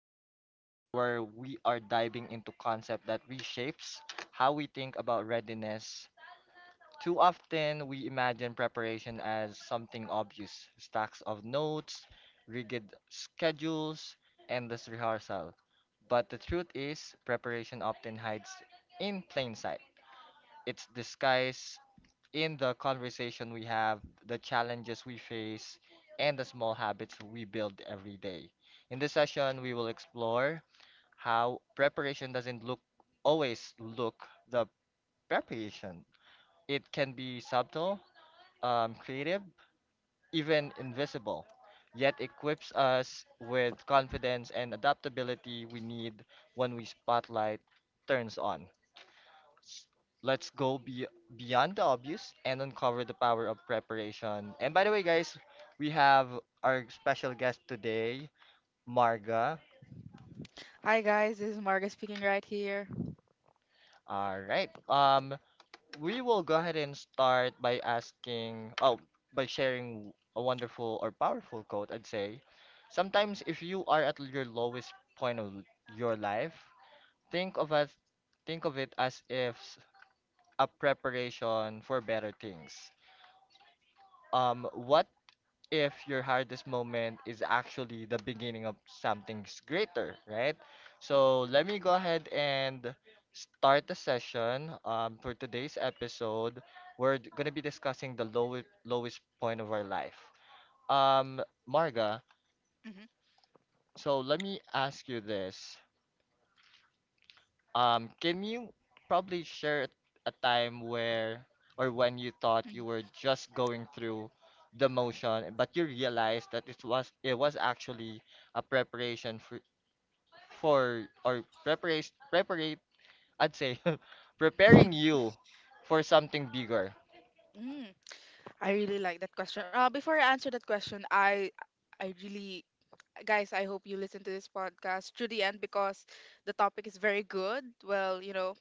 episode where we are diving into concept that reshapes how we think about readiness. Too often we imagine preparation as something obvious, stacks of notes, rigid schedules, endless rehearsal. But the truth is, preparation often hides in plain sight. It's disguised in the conversation we have, the challenges we face, and the small habits we build every day. In this session, we will explore how preparation doesn't look always look the preparation. It can be subtle, creative, even invisible, yet equips us with confidence and adaptability we need when we spotlight turns on. Let's go be beyond the obvious and uncover the power of preparation. And by the way, guys, we have our special guest today, Marga. Hi guys, this is Marga speaking right here. All right. We will go ahead and start by asking, by sharing a wonderful or powerful quote. I'd say, sometimes if you are at your lowest point of your life, think of as, think of it as if s- a preparation for better things. What if your hardest moment is actually the beginning of something greater, right? So let me go ahead and start the session for today's episode. We're going to be discussing the lowest point of our life. Um, Marga, Mm-hmm. so let me ask you this. Can you probably share a time where or when you thought you were just going through the motion, but you realized that it was actually a preparation for or preparation prepare I'd say preparing you for something bigger. Mm. I really like that question. Before I answer that question, I really, guys, I hope you listen to this podcast to the end because the topic is very good. Well, you know,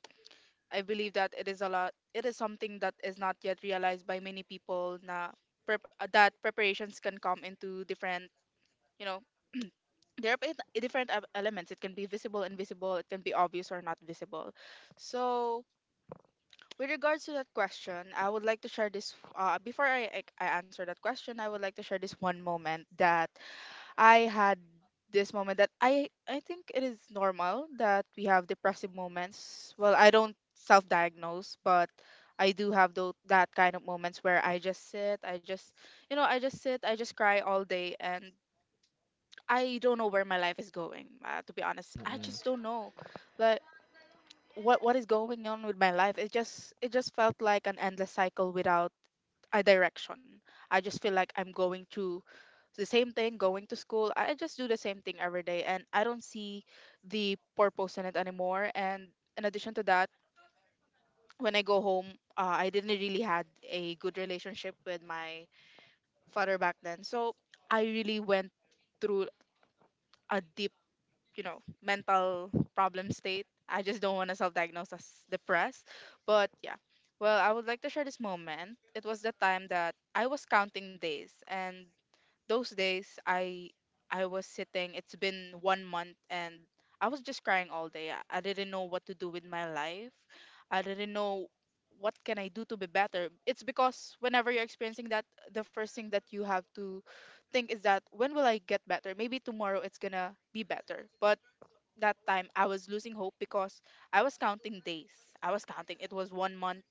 I believe that it is something that is not yet realized by many people na that preparations can come into different, you know, there are different elements. It can be visible, invisible, it can be obvious or not visible. So, with regards to that question, I would like to share this. Before I answer that question, I would like to share this one moment that I had. This moment that I think it is normal that we have depressive moments. Well, I don't self-diagnose, but I do have those that kind of moments where I just sit, I just cry all day, and I don't know where my life is going. To be honest, I Mm-mm. just don't know. Like, what is going on with my life? It just it just felt like an endless cycle without a direction. I just feel like I'm going to the same thing, going to school. I just do the same thing every day and I don't see the purpose in it anymore. And in addition to that, when I go home, I didn't really had a good relationship with my father back then, so I really went through a deep, you know, mental problem state. I just don't want to self-diagnose as depressed, but yeah. Well, I would like to share this moment. It was the time that I was counting days, and those days I was sitting. It's been 1 month, and I was just crying all day. I didn't know what to do with my life. I didn't know what can I do to be better. It's because whenever you're experiencing that, the first thing that you have to think is that when will I get better? Maybe tomorrow it's gonna be better. But that time I was losing hope because I was counting days. I was counting. It was 1 month,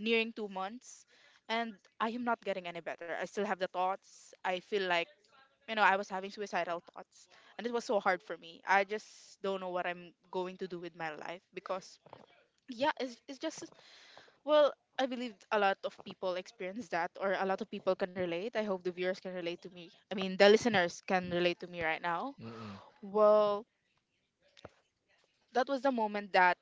nearing 2 months, and I am not getting any better. I still have the thoughts. I feel like, you know, I was having suicidal thoughts, and it was so hard for me. I just don't know what I'm going to do with my life because, yeah, it's just, well, I believe a lot of people experience that, or a lot of people can relate. I hope the viewers can relate to me. I mean, the listeners can relate to me right now. Mm-mm. Well, that was the moment that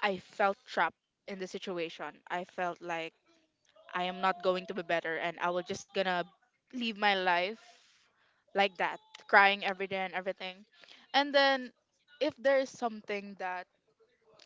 I felt trapped in the situation. I felt like I am not going to be better and I was just gonna live my life like that, crying every day and everything. And then, if there is something that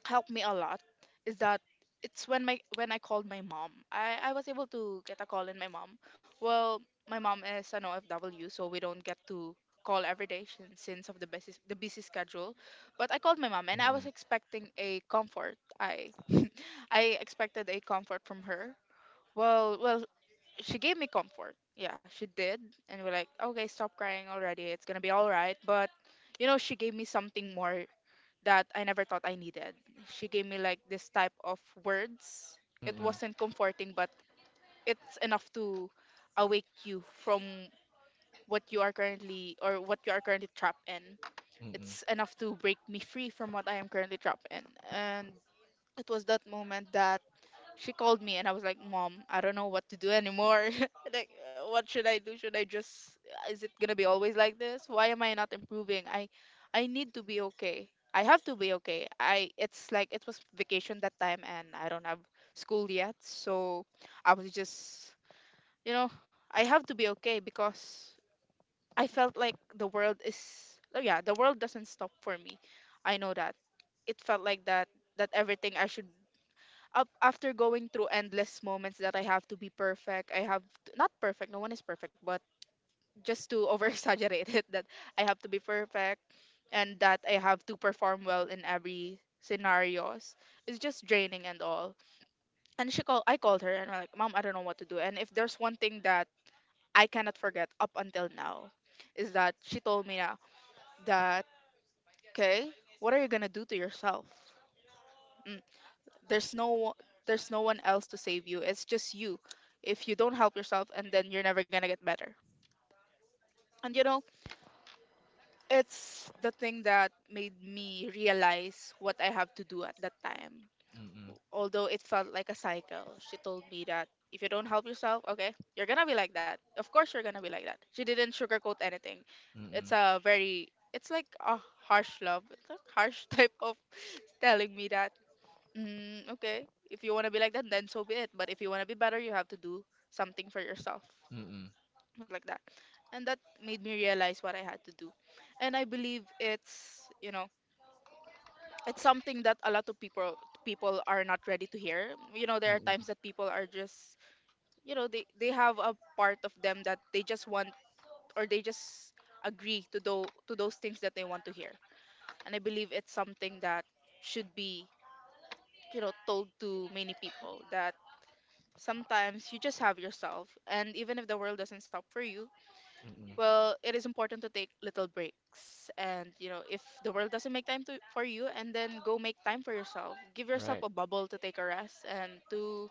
helped me a lot, is that it's when my when I called my mom. I was able to get a call in my mom. Well, my mom is an OFW, so we don't get to call every day since of the busy schedule. But I called my mom and I was expecting a comfort. I I expected a comfort from her. Well, she gave me comfort. Yeah, she did, and we're like, okay, stop crying already. It's gonna be all right. But, you know, she gave me something more that I never thought I needed. She gave me like this type of words. It Mm-mm. wasn't comforting, but it's enough to awake you from what you are currently trapped in. Mm-mm. It's enough to break me free from what I am currently trapped in. And it was that moment that she called me and I was like, "Mom, I don't know what to do anymore." Like, what should I do? Should I just Is it going to be always like this? Why am I not improving? I need to be okay. I have to be okay. I it's like it was vacation that time and I don't have school yet, so I was just, you know, I have to be okay because I felt like the world is oh yeah, the world doesn't stop for me. I know that. It felt like that that everything I should up after going through endless moments that I have to be perfect, I have to, not perfect, no one is perfect, but just to over exaggerate it, that I have to be perfect and that I have to perform well in every scenarios. It's just draining and all. And she called, I called her and I'm like, Mom, I don't know what to do. And if there's one thing that I cannot forget up until now, is that she told me na, that, okay, what are you gonna do to yourself? Mm. there's no o- there's no one else to save you. It's just you. If you don't help yourself, and then you're never gonna get better. And, you know, it's the thing that made me realize what I have to do at that time. Mm-mm. Although it felt like a cycle, she told me that if you don't help yourself, okay, you're gonna be like that. Of course you're gonna be like that. She didn't sugarcoat anything. Mm-mm. it's Mm-mm. a very it's like a harsh love. It's a harsh type of telling me that, mm, okay. If you want to be like that, then so be it. But if you want to be better, you have to do something for yourself, Mm-mm. like that. And that made me realize what I had to do. And I believe it's, you know, it's something that a lot of people are not ready to hear. You know, there are Mm-mm. times that people are just, you know, they have a part of them that they just want, or they just agree to do to those things that they want to hear. And I believe it's something that should be, you know, told to many people that sometimes you just have yourself, and even if the world doesn't stop for you, Mm-mm. well, it is important to take little breaks. And you know, if the world doesn't make time to, for you, and then go make time for yourself. Give yourself Right. a bubble to take a rest and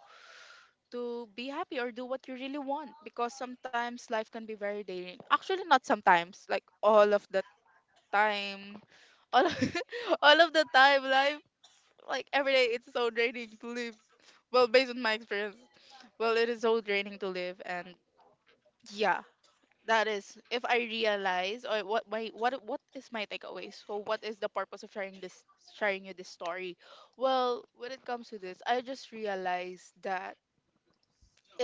to be happy or do what you really want. Because sometimes life can be very draining. Actually, not sometimes, like all of the time. All of, all of the time, life, like, every day it's so draining to live, well, based on my experience, well, it is so draining to live. And yeah, that is if I realize or what my what is my takeaway. So what is the purpose of sharing this, sharing you this story? Well, when it comes to this, I just realized that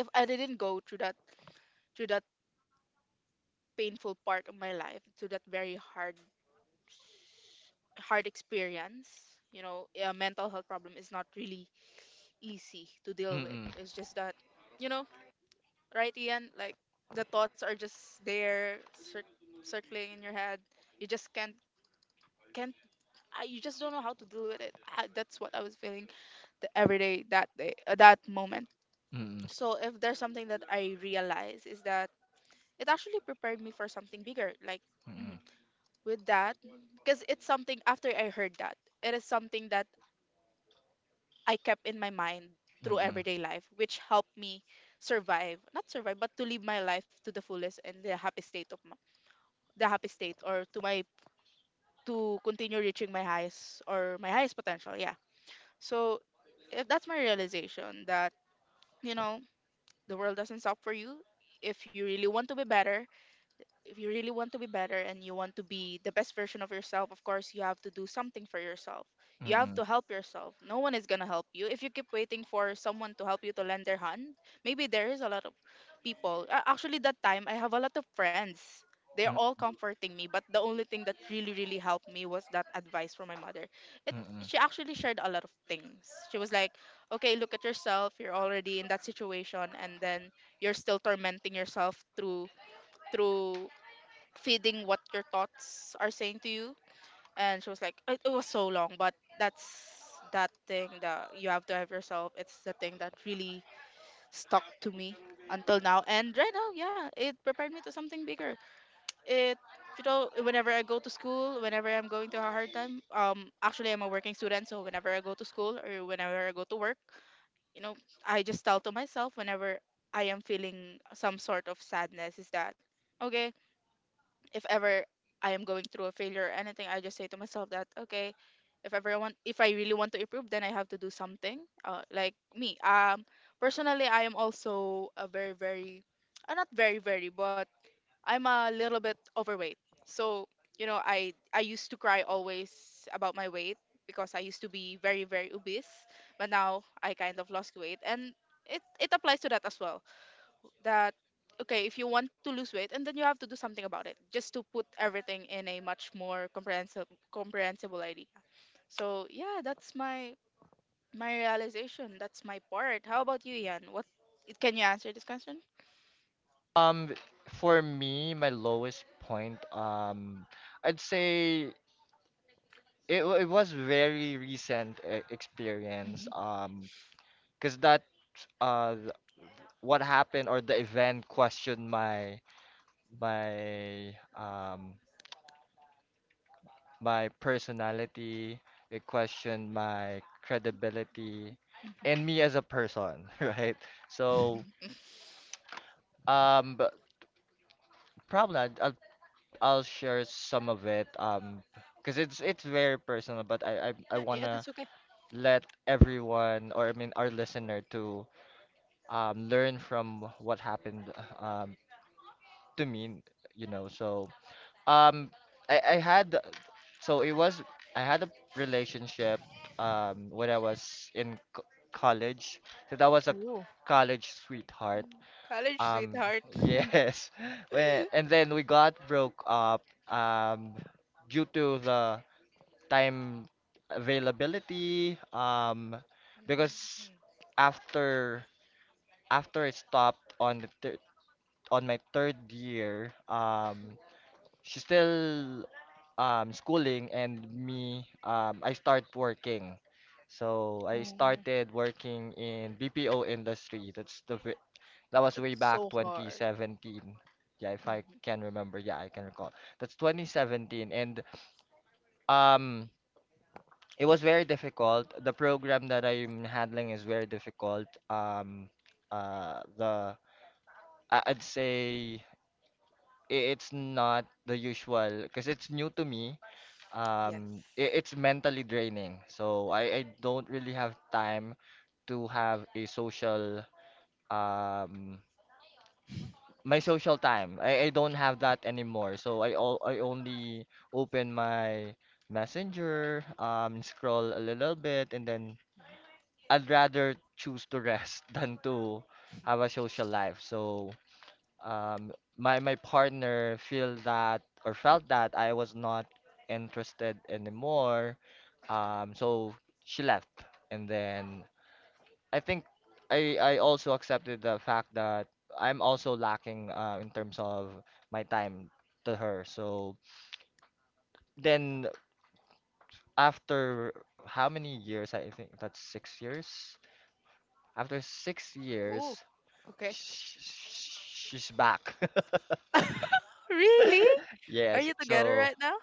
if I didn't go through that, through that painful part of my life, to that very hard experience. You know, a mental health problem is not really easy to deal with. Mm-mm. It's just that, you know, right, Ian? Like, the thoughts are just there, circling in your head. You just can't. You just don't know how to deal with it. That's what I was feeling the every day, that moment. Mm-mm. So if there's something that I realize is that it actually prepared me for something bigger. Like, mhm, Mm-mm. with that, because it's something after I heard that, it is something that I kept in my mind through Mm-mm. everyday life, which helped me survive, not survive, but to live my life to the fullest and the happy state of my, the happy state, or to my to continue reaching my highest or my highest potential. Yeah. So if that's my realization, that, you know, the world doesn't stop for you. If you really want to be better, if you really want to be better and you want to be the best version of yourself, of course, you have to do something for yourself. Mm-mm. You have to Mm-mm. help yourself. No one is going to help you. If you keep waiting for someone to help you, to lend their hand, maybe there is a lot of people. Actually, that time, I have a lot of friends. They're all comforting me, but the only thing that really, really helped me was that advice from my mother. It Mm-mm. She actually shared a lot of things. She was like, "Okay, look at yourself. You're already in that situation, and then you're still tormenting yourself through through feeding what your thoughts are saying to you." And she was like, it was so long, but that's that thing that you have to have yourself. It's the thing that really stuck to me until now. And right now, yeah, it prepared me to something bigger. It, you know, whenever I go to school, whenever I'm going to a hard time, actually, I'm a working student. So whenever I go to school or whenever I go to work, you know, I just tell to myself whenever I am feeling some sort of sadness is that, okay, if ever I am going through a failure or anything, I just say to myself that okay, if I really want to improve, then I have to do something. Like me, personally, I am also a very, very, not very, very, but I'm a little bit overweight. So you know, I used to cry always about my weight because I used to be very, very obese, but now I kind of lost weight, and it applies to that as well, that okay, if you want to lose weight, and then you have to do something about it, just to put everything in a much more comprehensive comprehensible idea. So yeah, that's my realization. That's my part. How about you, Ian? What, can you answer this question? Um, for me, my lowest point, I'd say it was very recent experience. Hmm. Because that uh, th- what happened or the event questioned my my personality. It questioned my credibility and Hmm. me as a person, right? So but probably I'll share some of it because it's very personal, but I Yeah, yeah, wanna that's okay. let everyone or I mean our listener to learn from what happened um to me, you know. So um I had, so it was I had a relationship when I was college. So that was a Ooh. college sweetheart, Mm, college um, sweetheart. yes. When and then we got broke up due to the time availability, because after after I stopped on my third year, she's still schooling and me, I start working. So I started working in BPO industry. That's that was That's way back so hard. 2017. Yeah, if I Hmm. can remember. Yeah, I can recall. That's 2017. And um, it was very difficult. The program that I'm handling is very difficult. Uh, the I'd say it's not the usual because it's new to me. Yes. It's mentally draining. So I don't really have time to have a social um my social time. I don't have that anymore. So I only open my messenger, scroll a little bit, and then Mhm. I'd rather choose to rest than to have a social life. So um, my partner feel that or felt that I was not interested anymore. So she left, and then I think I also accepted the fact that I'm also lacking in terms of my time to her. So then after how many years? I think that's 6 years. After 6 years, Ooh, okay. She's back. Really? Are Yes. you together So right now?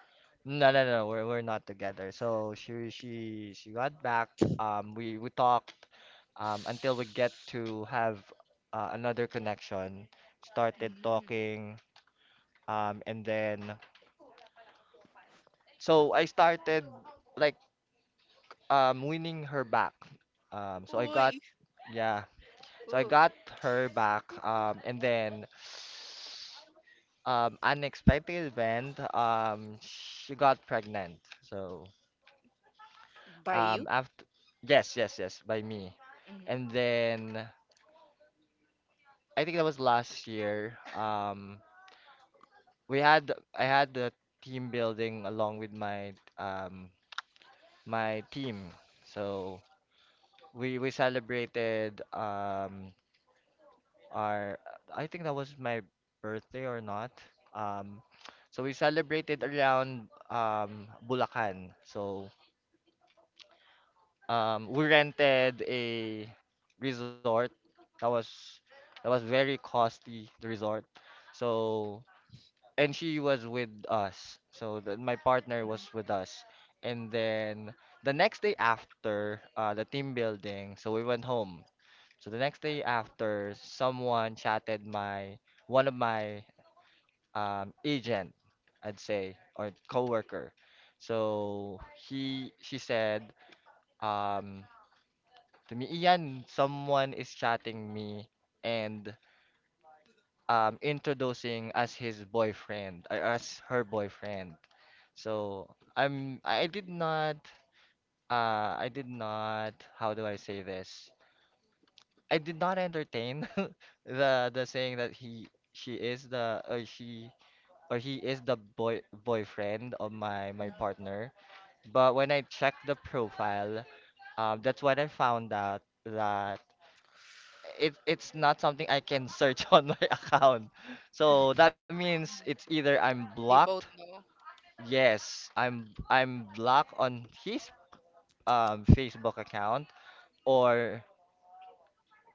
no, no, no. We're not together. So she got back. We talked until we get to have another connection, started Mm-hmm. talking. And then, so I started like winning her back. Um, so I got, Ooh. yeah, so I got her back. Unexpected event, she got pregnant. So, By um, you? after, yes, yes, yes, by me. Mhm. And then, I think that was last year. I had the team building along with um, my team. So, we celebrated our, I think that was my birthday or not. Um so we celebrated around Bulacan. So we rented a resort. That was that was very costly, the resort. So and she was with us. So the, my partner Mhm, was with us. And then the next day after the team building, so we went home. So the next day after, someone chatted my one of my agent, I'd say, or coworker. So he she said, um, to me, Ian, someone is chatting me and introducing as his boyfriend or as her boyfriend. So I'm I did not I did not, how do I say this? I did not entertain the saying that he she is the, or she or he is the boyfriend of my mhm, partner. But when I checked the profile, that's when I found out that it's not something I can search on my account. So that means mhm. it's either I'm They both blocked. know. Yes, I'm blocked on his Facebook account or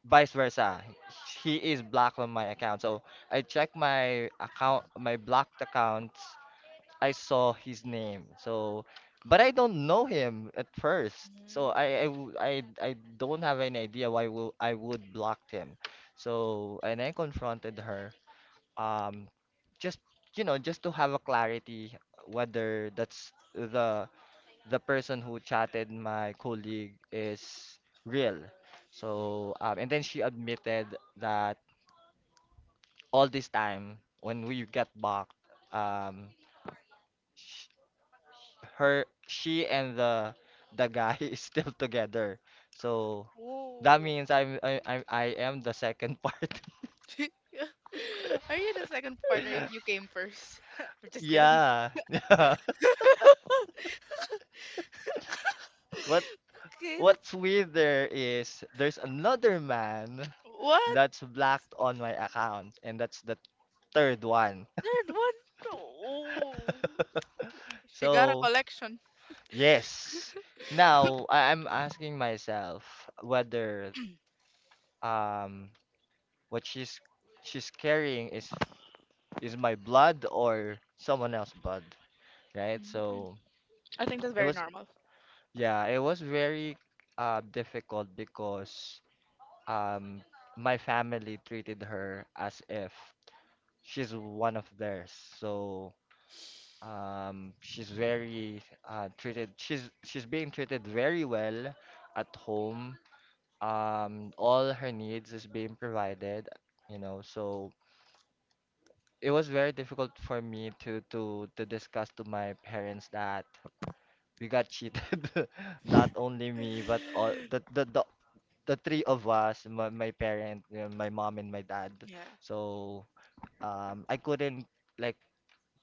vice versa. He is blocked on my account. So I checked my account, my blocked accounts. I saw his name. So, but I don't know him at first. So Mm. I don't have any idea why will I would blocked him. So and I confronted her. Um, just you know, just to have a clarity whether that's the person who chatted my colleague is real. So, and then she admitted that all this time when we got back, um, sh she and the guy is still together. So that Ooh. means I am the second part. Are you the second partner if you came first? I'm just kidding. Yeah, yeah. What Okay, what's that's, weird there is there's another man what? that's blocked on my account, and that's the third one. Third one? Oh. She got a So, collection. yes. Now I'm asking myself whether um what she's carrying is my blood or someone else's blood, right? Mhm. So I think that's it very was normal. yeah, it was very difficult because um my family treated her as if she's one of theirs. So she's very treated she's being treated very well at home, all her needs is being provided, you know. So it was very difficult for me to discuss to my parents that we got cheated, not only me but all the three of us, my parent, you know, my mom and my dad. Yeah. So I couldn't like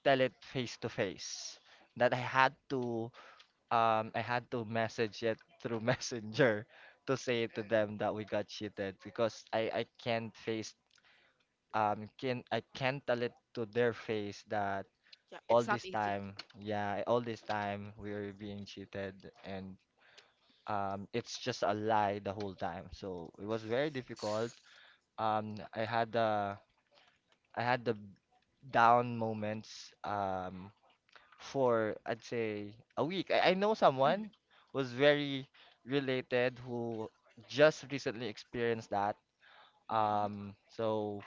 tell it face to face. That I had to I had to message it through Messenger to say to Mm. them that we got cheated because I can't face can I can't tell it to their face that Yeah. It's all not this easy. time, yeah, all this time we were being cheated, and it's just a lie the whole time. So it was very difficult. um I had the I had the down moments for I'd say a week. I know Mhm. someone who's very related who just recently experienced that. Mhm. Um, so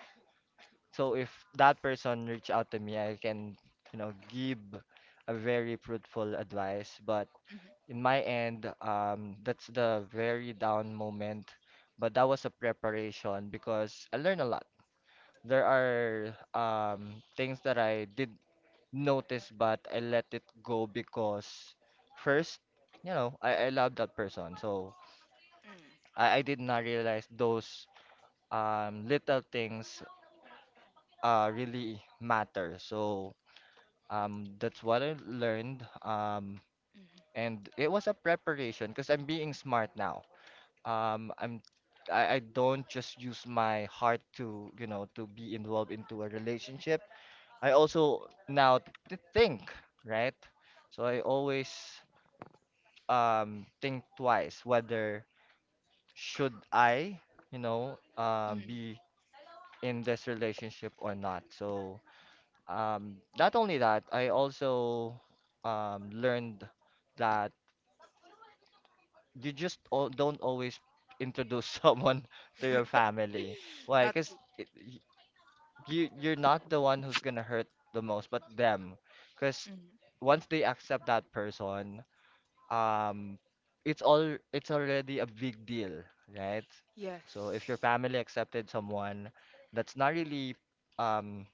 so if that person reach out to me, I can, you know, give a very fruitful advice. But Mhm. in my end, that's the very down moment. But that was a preparation because I learned a lot. There are things that I did notice, but I let it go because first, you know, I love that person. So Mm. I did not realize those little things really matter. So that's what I learned. Mhm. And it was a preparation because I'm being smart now. Um, I'm I don't just use my heart to, you know, to be involved into a relationship. I also now think, right? So I always think twice whether should I, you know, Mhm. be in this relationship or not. So not only that, I also learned that you just don't always introduce someone to your family. Why? Not. Because you you're not the one who's gonna hurt the most, but them. Because Mhm. once they accept that person, um it's already a big deal, right? So if your Yes. family accepted someone that's not really um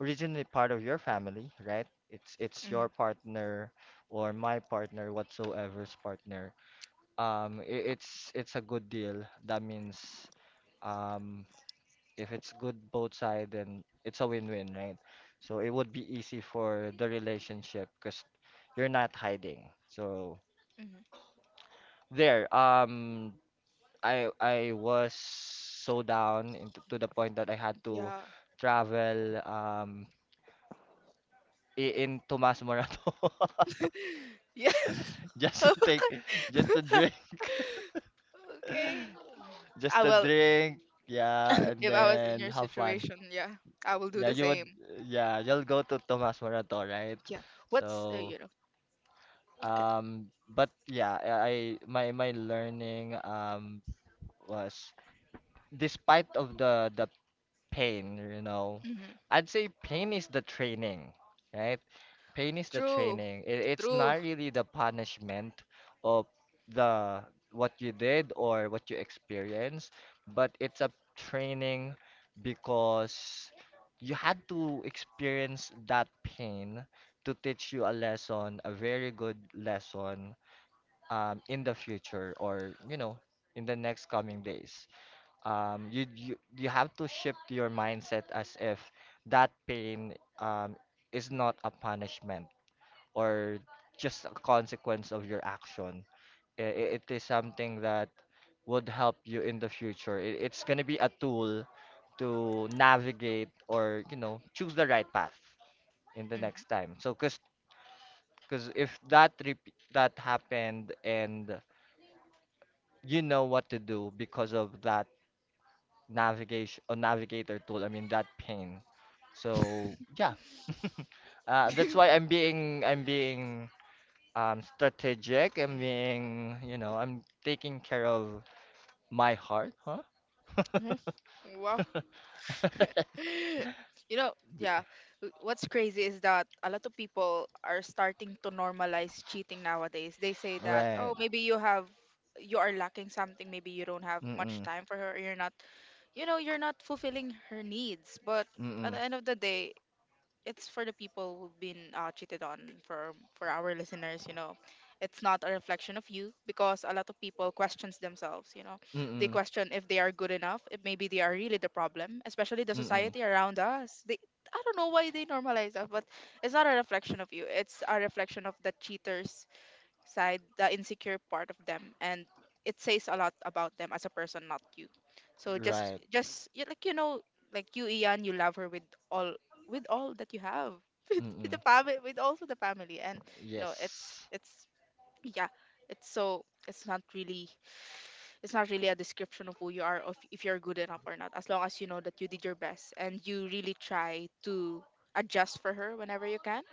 originally part of your family, right? It's Hmm. your partner or my partner whatsoever's partner. It's a good deal. That means um if it's good both side, then it's a win-win, right? So it would be easy for the relationship because you're not hiding. So Hmm. there, I was so down into to the point that I had to Yeah. travel, in Tomas Morato Yeah. just to take Okay. just to drink, Okay. just I to will. drink, yeah, and If I was in then your have fun. situation, yeah, I will do Yeah, the you would. same. Yeah, you'll go to Tomas Morato, right? Yeah. So, What's you know? Okay. But yeah, my learning, was despite of the pain. Hmm. I'd say pain is the training, right? Pain is the True. training. It's True. not really the punishment of the what you did or what you experienced, but it's a training, because you had to experience that pain to teach you a lesson, a very good lesson, in the future, or, in the next coming days. You have to Hmm. shift your mindset as if that pain um is not a punishment, or just a consequence of your action. It is something that would help you in the future. It's going to be a tool to navigate, or choose the right path in the next time. So cuz if that happened and you know what to do because of that navigation, or navigator tool. I mean that pane. So yeah, that's Hmm. why I'm being strategic. I'm being you know I'm taking care of my heart, huh? Wow. You know, yeah. What's crazy is that a lot of people are starting to normalize cheating nowadays. They say that, Right. oh, maybe you are lacking something, maybe you don't have much Mm-mm. time for her, or you know, you're not fulfilling her needs. But at the Mm-mm. end of the day, it's for the people who've been cheated on, for our listeners, you know, it's not a reflection of you, because a lot of people questions themselves, you know, they Mm-mm. question if they are good enough, if maybe they are really the problem, especially the Mm-mm. society around us. They, I don't know why they normalize that, but it's not a reflection of you, it's a reflection of the cheaters side, the insecure part of them, and it says a lot about them as a person, not you. So Right. just you, like, you know, like you, Ian, you love her with all, that you have, with, the Mm-mm. family, with also the family, and you know, Yes. Yeah, it's not really, a description of who you are, of if you're good enough or not. As long as you know that you did your best and you really try to adjust for her whenever you can,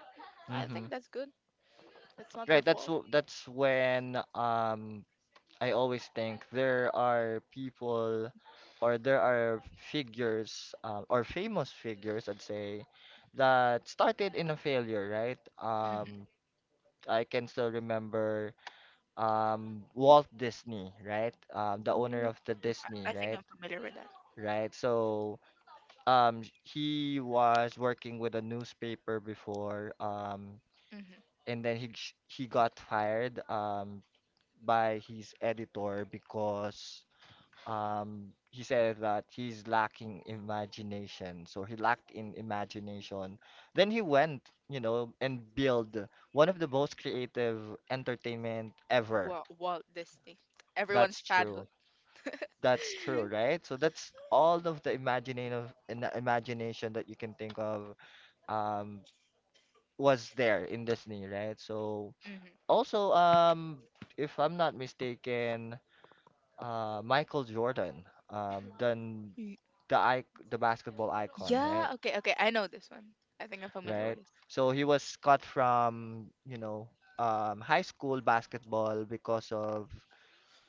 I Mm-hmm. think that's good. It's not your Right. That's fault. w- that's when, I always think there are people, or there are figures, or famous figures, I'd say, that started in a failure, right? I can still remember, Walt Disney, right? The owner Ooh, of the I Disney, I think right? I'm familiar with that. Right. So, he was working with a newspaper before, Mm-hmm. and then he got fired, by his editor, because he said that he's lacking imagination, so he lacked in imagination. Then he went and built one of the most creative entertainment ever. Walt Disney. Everyone's That's true, childhood. that's true, right? So that's all of the imaginative in the imagination that you can think of, um was there in Disney, right? So Mm-hmm. also, if I'm not mistaken, Michael Jordan, then Y- the i the basketball icon, right? Yeah, okay, okay. I know this one. I think I'm familiar with Right. this. So he was cut from, high school basketball because of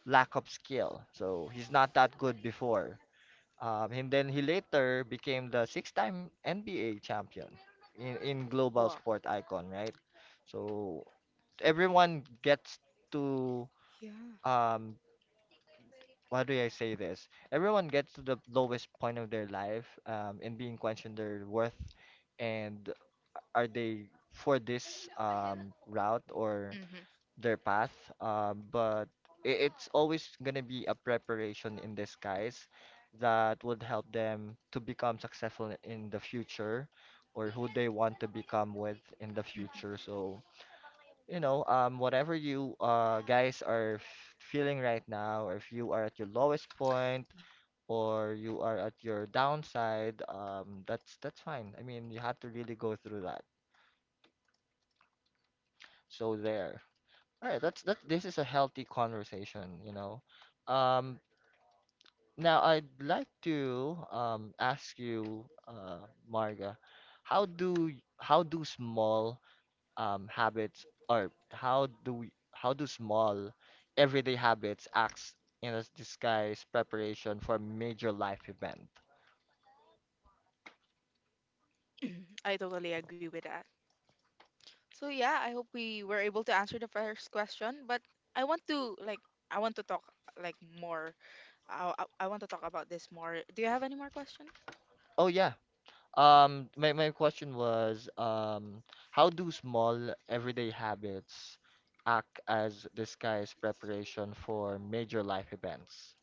lack of skill. So he's not that good before. And then he later became the six-time NBA champion in global Walt. sport icon, right? So everyone gets to, Yeah. um, why do I say this? Everyone gets to the lowest point of their life, and being questioned their worth, and are they for this route, or Mm-hmm. their path? But it's always gonna be a preparation in disguise that would help them to become successful in the future, or who they want to become with in the Mm-hmm. future. So, whatever you guys are feeling right now, or if you are at your lowest point, or you Yes. are at your downside, that's fine. I mean, you have to really go through that. So there. All right, that's that. This is a healthy conversation, you know. Um, now I'd like to, ask you, Marga, how do how do small, habits, or how do we, how do small everyday habits acts in a disguise preparation for a major life event? Mhm. I totally agree with that. So yeah, I hope we were able to answer the first question, but I want to, like, I want to talk like more. I want to talk about this more. Do you have any more question? Oh yeah, my question was, how do small everyday habits act as disguise preparation for major life events?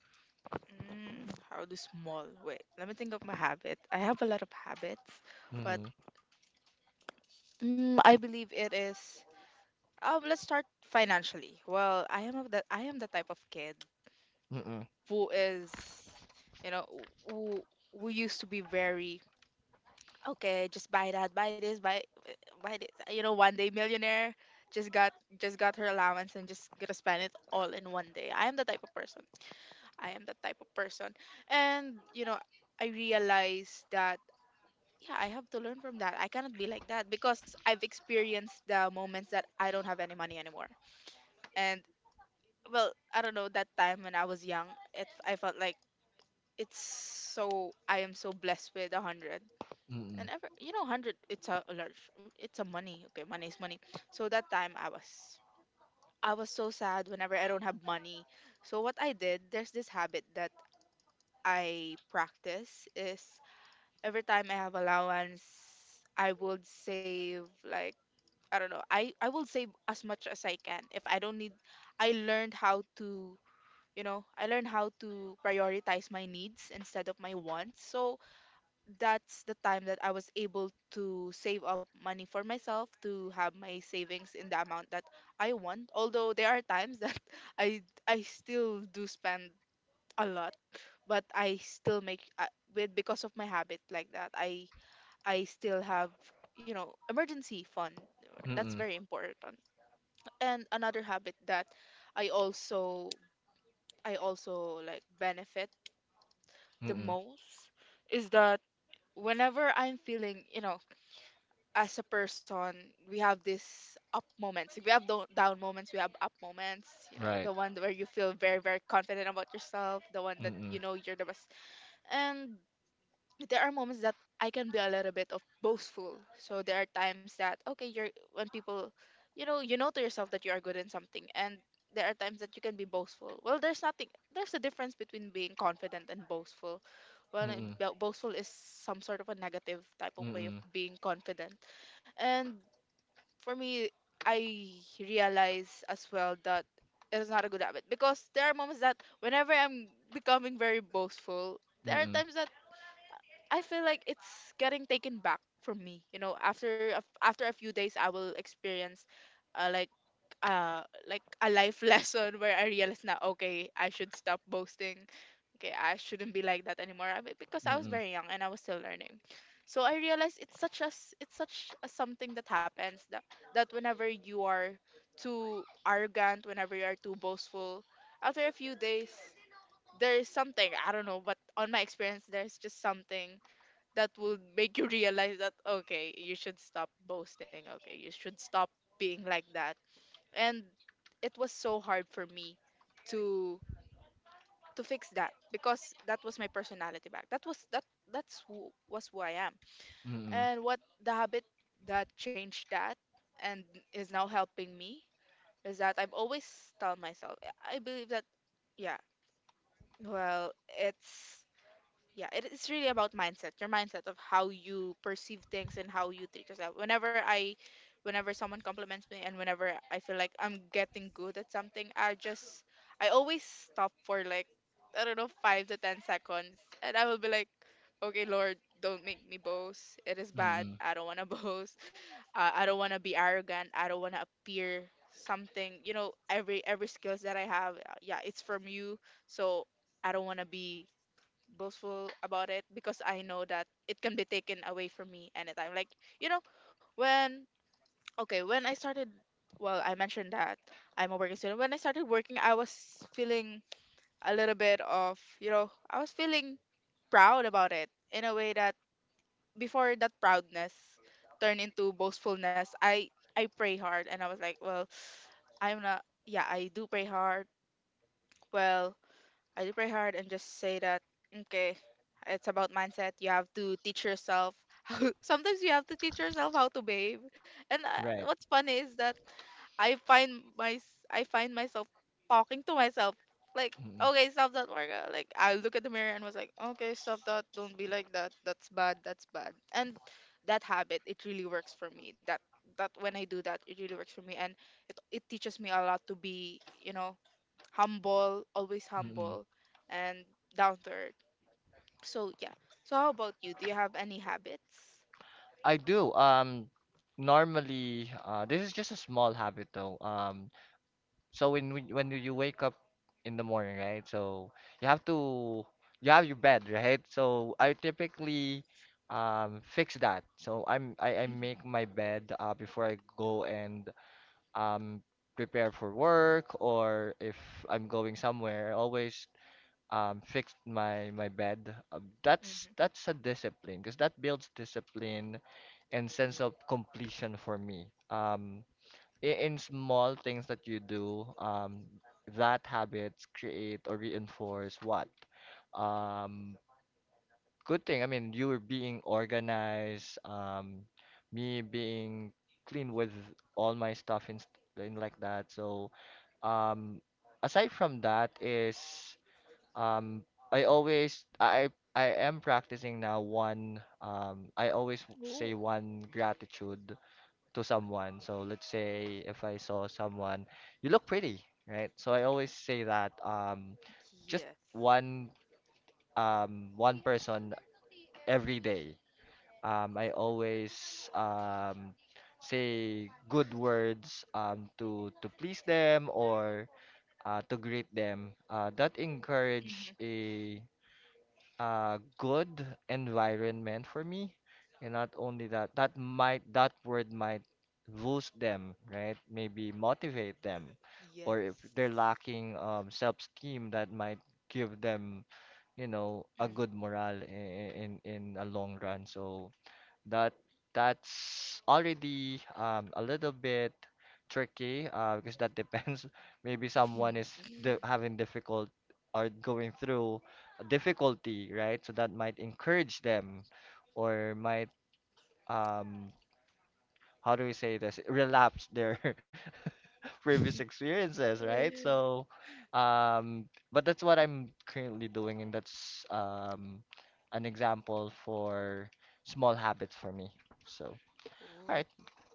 Mm, how do small? Wait, let me think of my habit. I have a lot of habits, but Mm-hmm. I believe it is. Let's start financially. Well, I am the type of kid Mm-mm. who is, you know, who who used to be very okay. Just buy that, buy this, buy this. You know, one day millionaire. Just got just got her allowance and just gonna spend it all in one day. I am the type of person. I am the type of person, and I realized that, yeah, I have to learn from that. I cannot be like that because I've experienced the moments that I don't have any money anymore. And well, I don't know, that time when I was young, it I felt like it's so I am so blessed with 100. Mm-mm. And ever, 100, it's a large, it's a money. Okay, money is money. So that time, I was so sad whenever I don't have money. So what I did, there's this habit that I practice is every time I have allowance, I would save like, I don't know. I will save as much as I can. If I don't need, I learned how to, prioritize my needs instead of my wants. So that's the time that I was able to save up money for myself, to have my savings in the amount that I want. Although there are times that I I still do spend a lot, but I still make, with, because of my habit like that. I still have, you know, emergency fund. That's Mm-mm. very important, and another habit that i also I also, like, benefit the Mm-mm. most is that whenever I'm feeling, you know, as a person, we have this up moments, we have down moments, we have up moments, you know, Right. the one where you feel very, very confident about yourself, the one that, Mm-mm. you know, you're the best, and there are moments that I can be a little bit of boastful. So there are times that okay, you're, when people, you know to yourself that you are good in something, and there are times that you can be boastful. Well, there's nothing. There's a difference between being confident and boastful. Well, Mm-mm. Boastful is some sort of a negative type of way of Mm-mm. being confident, and for me, I realize as well that it is not a good habit because there are moments that whenever I'm becoming very boastful, there are Mm-mm. times that I feel like it's getting taken back from me. You know, after a few days, I will experience, like, uh like a life lesson, where I realize now, okay, I should stop boasting. Okay, I shouldn't be like that anymore, I mean, because I was Mm-mm. very young and I was still learning. So I realized it's such a something that happens, that whenever you are too arrogant, whenever you are too boastful, after a few days, there is something, I don't know, but on my experience, there's just something that will make you realize that, okay, you should stop boasting, okay, you should stop being like that. And it was so hard for me to fix that, because that was my personality back, that was that, that's who I am, Mm-mm. and what the habit that changed that, and is now helping me, is that I have always tell myself, I believe that, yeah, well, it's, yeah, it's really about mindset, your mindset of how you perceive things and how you treat yourself. Whenever I whenever someone compliments me, and whenever I feel like I'm getting good at something, I always stop for, like, I don't know, 5 to 10 seconds, and I will be like, okay, Lord, don't make me boast, it is bad, Mm-mm. I don't want to boast, I don't want to be arrogant, I don't want to appear something. You know, every skills that I have, yeah, it's from you. So I don't want to be boastful about it, because I know that it can be taken away from me anytime. Like, you know, when, okay, when I started, well, I mentioned that I'm a working student. When I started working, I was feeling a little bit of, you know, I was feeling proud about it, in a way that before that proudness turned into boastfulness, I pray hard, and I was like, well, I'm not, yeah, I do pray hard. Well, I do pray hard, and just say that, okay, it's about mindset. You have to teach yourself. How, sometimes you have to teach yourself how to behave. And Right. what's funny is that I find my I find myself talking to myself like, Mm-mm. okay, stop that, Marga. Like, I look at the mirror and was like, okay, stop that. Don't be like that. That's bad. That's bad. And that habit, it really works for me. That when I do that, it really works for me, and it teaches me a lot to be, humble, always Mm-mm. humble, and down to earth. So yeah. So how about you? Do you have any habits? I do. Normally, this is just a small habit though. So when when you wake up in the morning, right? So you have to you have your bed, right? So I typically, fix that. So I Mhm. make my bed, before I go and, um prepare for work, or if I'm going somewhere, I always, fix my bed. That's Mhm. that's a discipline, because that builds discipline and sense of completion for me. In small things that you do, that habits create or reinforce what? Um, good thing. I mean, you being organized, me being clean with all my stuff, and, and like that. So, um, aside from that is, um, I always I am practicing now one. I always Ooh. say one gratitude to someone. So let's say if I saw someone, you look pretty, right? So I always say that, just Yes. one, one person every day. I always, say good words, to please them, or to greet them. That encourage Mhm. a good environment for me. And not only that, that might that word might boost them, right? Maybe motivate them. Or if Yes. they're lacking, self-esteem, that might give them, a Mhm. good morale in a long run. So that that's already a little bit tricky, because that depends. Maybe someone is, di having difficult, or going through a difficulty, right? So that might encourage them, or might, um how do we say this? Relapse their previous experiences, right? So but that's what I'm currently doing, and that's, an example for small habits for me. So all Ooh. right.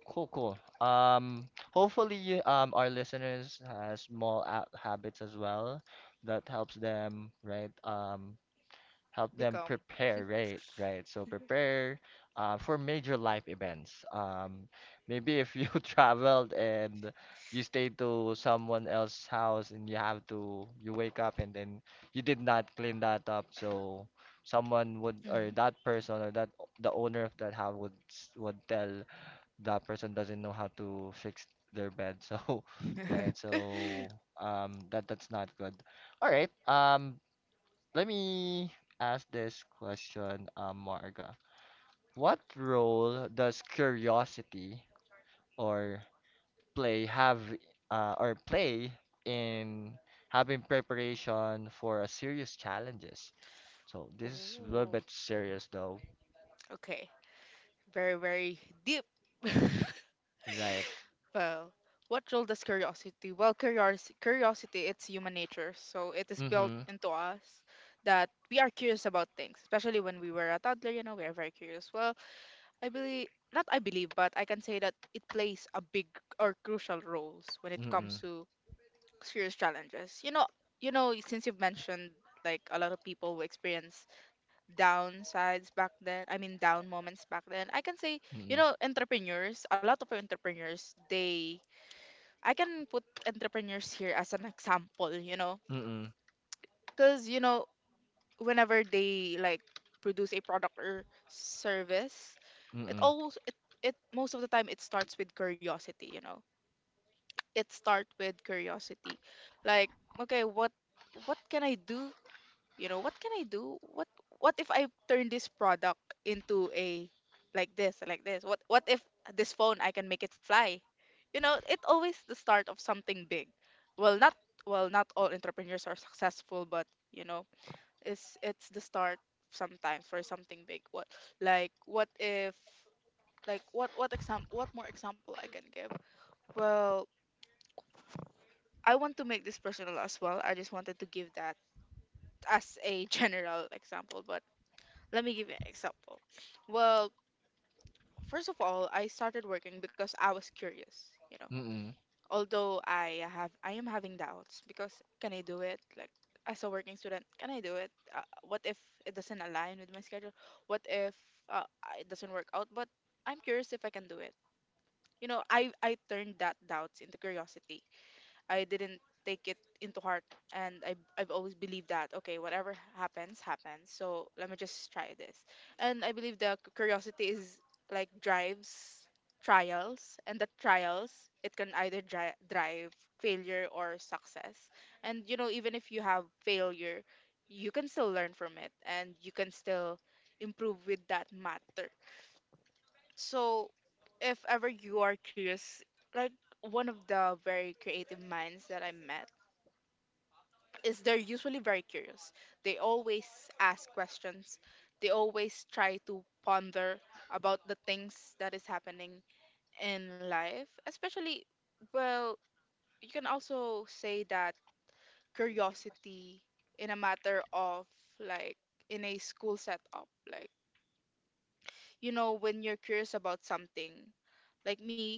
Cool, cool. Hopefully, our listeners has small, habits as well that helps them, right? Help them Become. prepare, right? Right. So prepare, for major life events. Maybe if you traveled and you stayed to someone else's house, and you wake up and then you did not clean that up, so someone would, or Mhm. that person, or that the owner of that house would, would tell, that person doesn't know how to fix their bed. So, right. So, that's not good. All right. Let me ask this question, Marga. What role does curiosity or play have, or play in having preparation for a serious challenges? So this is a little Ooh. bit serious though, Okay. Very, very deep. right? Well, what role does curiosity? Well, curiosity, it's human nature. So it is built Mm-hmm. into us that we are curious about things, especially when we were a toddler, you know, we are very curious. Well, I believe, not I believe, but I can say that it plays a big or crucial roles when it comes Mm-mm. to serious challenges. You know, since you've mentioned like a lot of people who experience downsides back then, I mean, down moments back then, I can say, you Mm-mm. know, entrepreneurs, a lot of entrepreneurs, they, I can put entrepreneurs here as an example. You know, Mm-mm. because, you know, whenever they like produce a product or service, it Mm-mm. always, it most of the time it starts with curiosity. You know, it starts with curiosity, like, okay, what can I do? You know, what can I do, what if I turn this product into a, like this, like this, what if this phone I can make it fly. You know, it always the start of something big. well not well not all entrepreneurs are successful, but you know, it's the start sometimes for something big. What, like what if, like, what example, what more example I can give. Well, I want to make this personal as well. I just wanted to give that as a general example. But let me give you an example. Well, first of all, I started working because I was curious, you know. Mm-mm. Although I am having doubts because can I do it? Like as a working student, can I do it? What if it doesn't align with my schedule? What if uh, it doesn't work out? But I'm curious if I can do it. You know, I turned that doubts into curiosity. I didn't take it into heart, and I've always believed that okay whatever happens happens, so let me just try this. And I believe the curiosity is like drives trials, and the trials, it can either drive failure or success. And you know, even if you have failure, you can still learn from it, and you can still improve with that matter. So if ever you are curious, like one of the very creative minds that I met is they're usually very curious. They always ask questions. They always try to ponder about the things that is happening in life, especially, well, you can also say that curiosity in a matter of like in a school setup, like you know when you're curious about something, like me,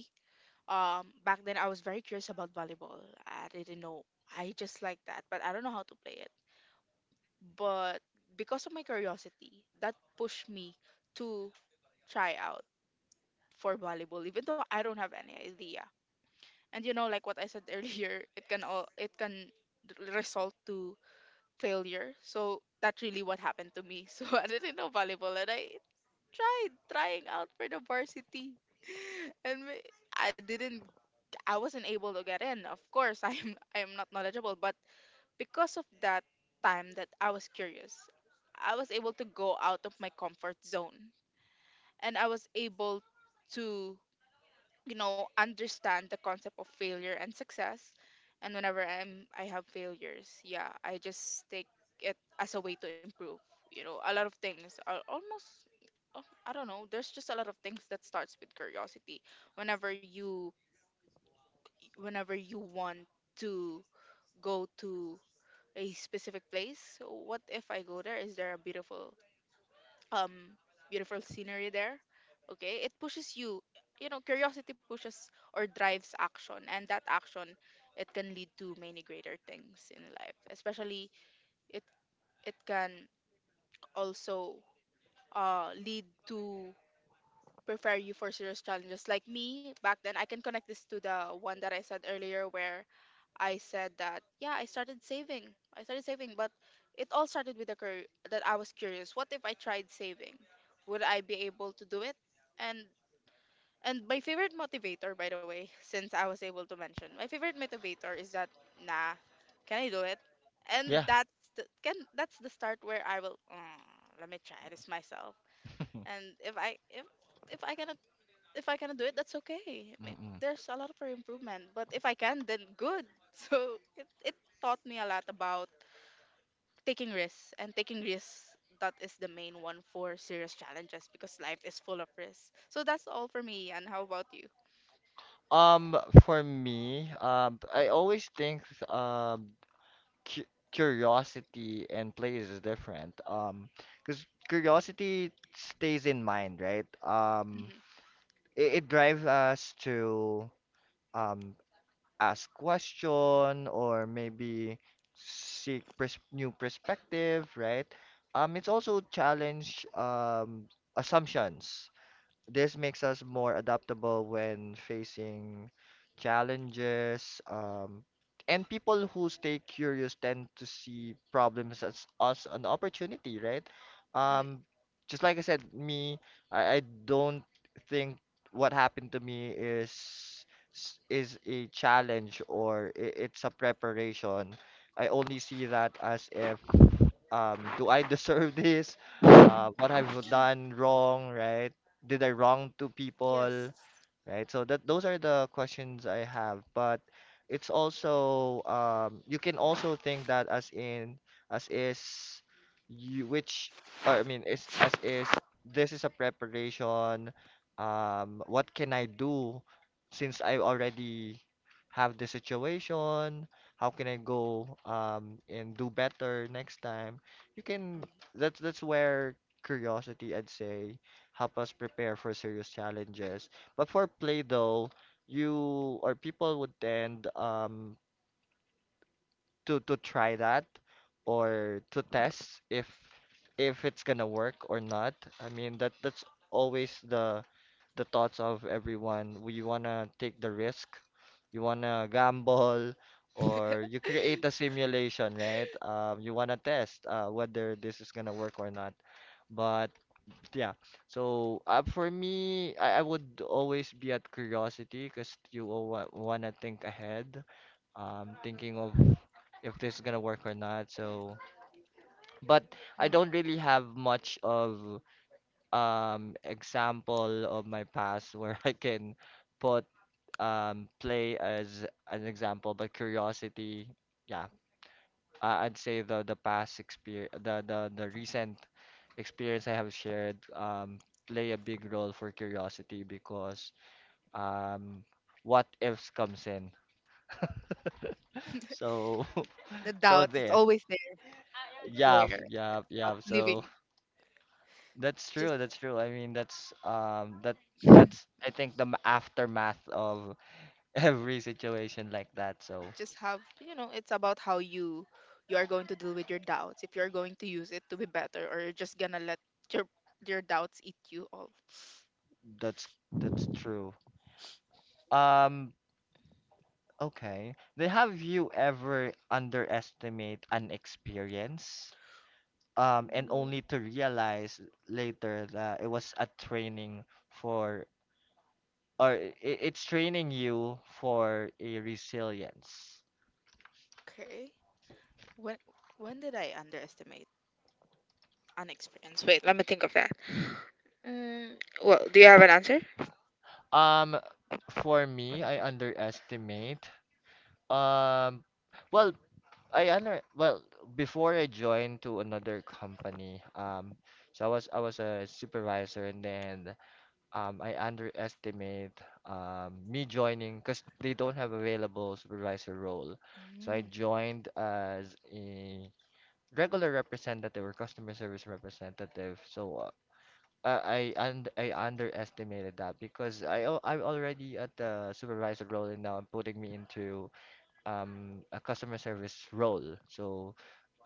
back then I was very curious about volleyball. I didn't know, I just like that, but I don't know how to play it. But because of my curiosity, that pushed me to try out for volleyball, even though I don't have any idea. And you know, like what I said earlier, it can result to failure. So that's really what happened to me. So I didn't know volleyball, and I tried trying out for the varsity, and I didn't. I wasn't able to get in. Of course, I am not knowledgeable, but because of that time that I was curious, I was able to go out of my comfort zone, and I was able to, you know, understand the concept of failure and success. And whenever I have failures, yeah, I just take it as a way to improve. You know, a lot of things are almost, oh, I don't know, there's just a lot of things that starts with curiosity. Whenever you whenever you want to go to a specific place, what if I go there? Is there a beautiful, um beautiful scenery there? Okay, it pushes you, you know, curiosity pushes or drives action, and that action, it can lead to many greater things in life, especially it it can also lead to prepare you for serious challenges. Like me, back then, I can connect this to the one that I said earlier where I said that, yeah, I started saving. I started saving, but it all started with the that I was curious. What if I tried saving? Would I be able to do it? And and my favorite motivator, by the way, since I was able to mention, my favorite motivator is that, nah, can I do it? And Yeah. that's the start where I will, "Mm, let me try this myself. And if I cannot if I cannot do it, that's okay. Mm-mm. There's a lot for improvement, but if I can, then good. So it taught me a lot about taking risks and taking risks. That is the main one for serious challenges because life is full of risks. So that's all for me. And how about you? Um, for me, I always think, um cu curiosity and play is different. Because curiosity stays in mind, right? Mhm. it drives us to, um ask question, or maybe seek, pers new perspective, right? It's also challenge, assumptions. This makes us more adaptable when facing challenges. And people who stay curious tend to see problems as us an opportunity, right? Mm. Um, just like I said, me, I don't think what happened to me is, is a challenge, or it's a preparation. I only see that as if, do I deserve this? What have I done wrong, right? Did I wrong to people? Yes. Right. So that those are the questions I have, but it's also, you can also think that as in as is you which, or I mean is as is this is a preparation. What can I do since I already have the situation? How can I go, and do better next time? You can Hmm. That's where curiosity, I'd say, help us prepare for serious challenges. But for play though, you or people would tend, to try that, or to test if it's gonna work or not. I mean that's always the thoughts of everyone. We wanna take the risk, you wanna gamble, or you create a simulation, right? You wanna test, whether this is gonna work or not. But yeah. So, for me, I would always be at curiosity, because you want to think ahead, thinking of if this is gonna work or not. So, but I don't Mm-hmm. really have much of, example of my past where I can put, play as an example, but curiosity, yeah, I'd say the past experience, the recent experience I have shared, play a big role for curiosity, because, um what ifs comes in. So The so doubt, it's there. always there. I Yeah, swear, yeah, it's not yeah. So leaving. that's Just true, that's true. I mean that's, that's I think the, aftermath of every situation like that. So just have, you know, it's about how you are going to deal with your doubts, if you're going to use it to be better, or you're just gonna let your your doubts eat you all. that's that's true. Um Okay. Then have you ever underestimate an experience, and Ooh. only to realize later that it was a training for, or, it's training you for a resilience? Okay, when when did I underestimate unexperience? Wait, let me think of that. Mm. Well, do you have an answer? Um, for me, I underestimate. Um, well, well, before I joined to another company. So I was a supervisor, and then, I underestimate, me joining because they don't have available supervisor role. So I Mm. joined as a regular representative, or customer service representative. So, I underestimated that, because I'm already at the supervisor role and now I'm putting me into, a customer service role. So,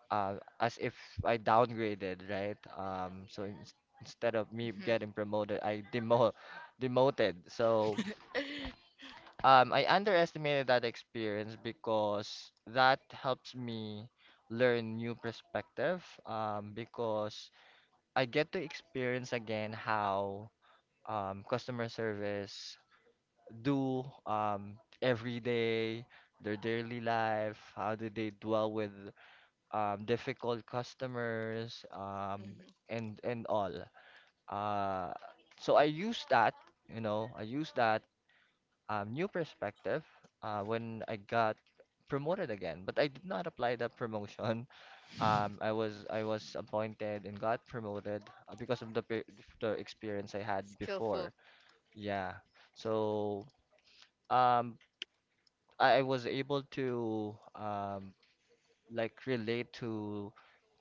uh, as if I downgraded, right? So instead of me Mhm. getting promoted, I demo demoted. So, I underestimated that experience, because that helps me learn new perspective. Because I get to experience again how, customer service do, every day, their daily life. How do they dwell with difficult customers, um, Mhm. and and all. Uh, so I used that new perspective when I got promoted again. But I did not apply that promotion. I was appointed and got promoted because of the experience I had before. Skillful. Yeah. So um, I was able to like relate to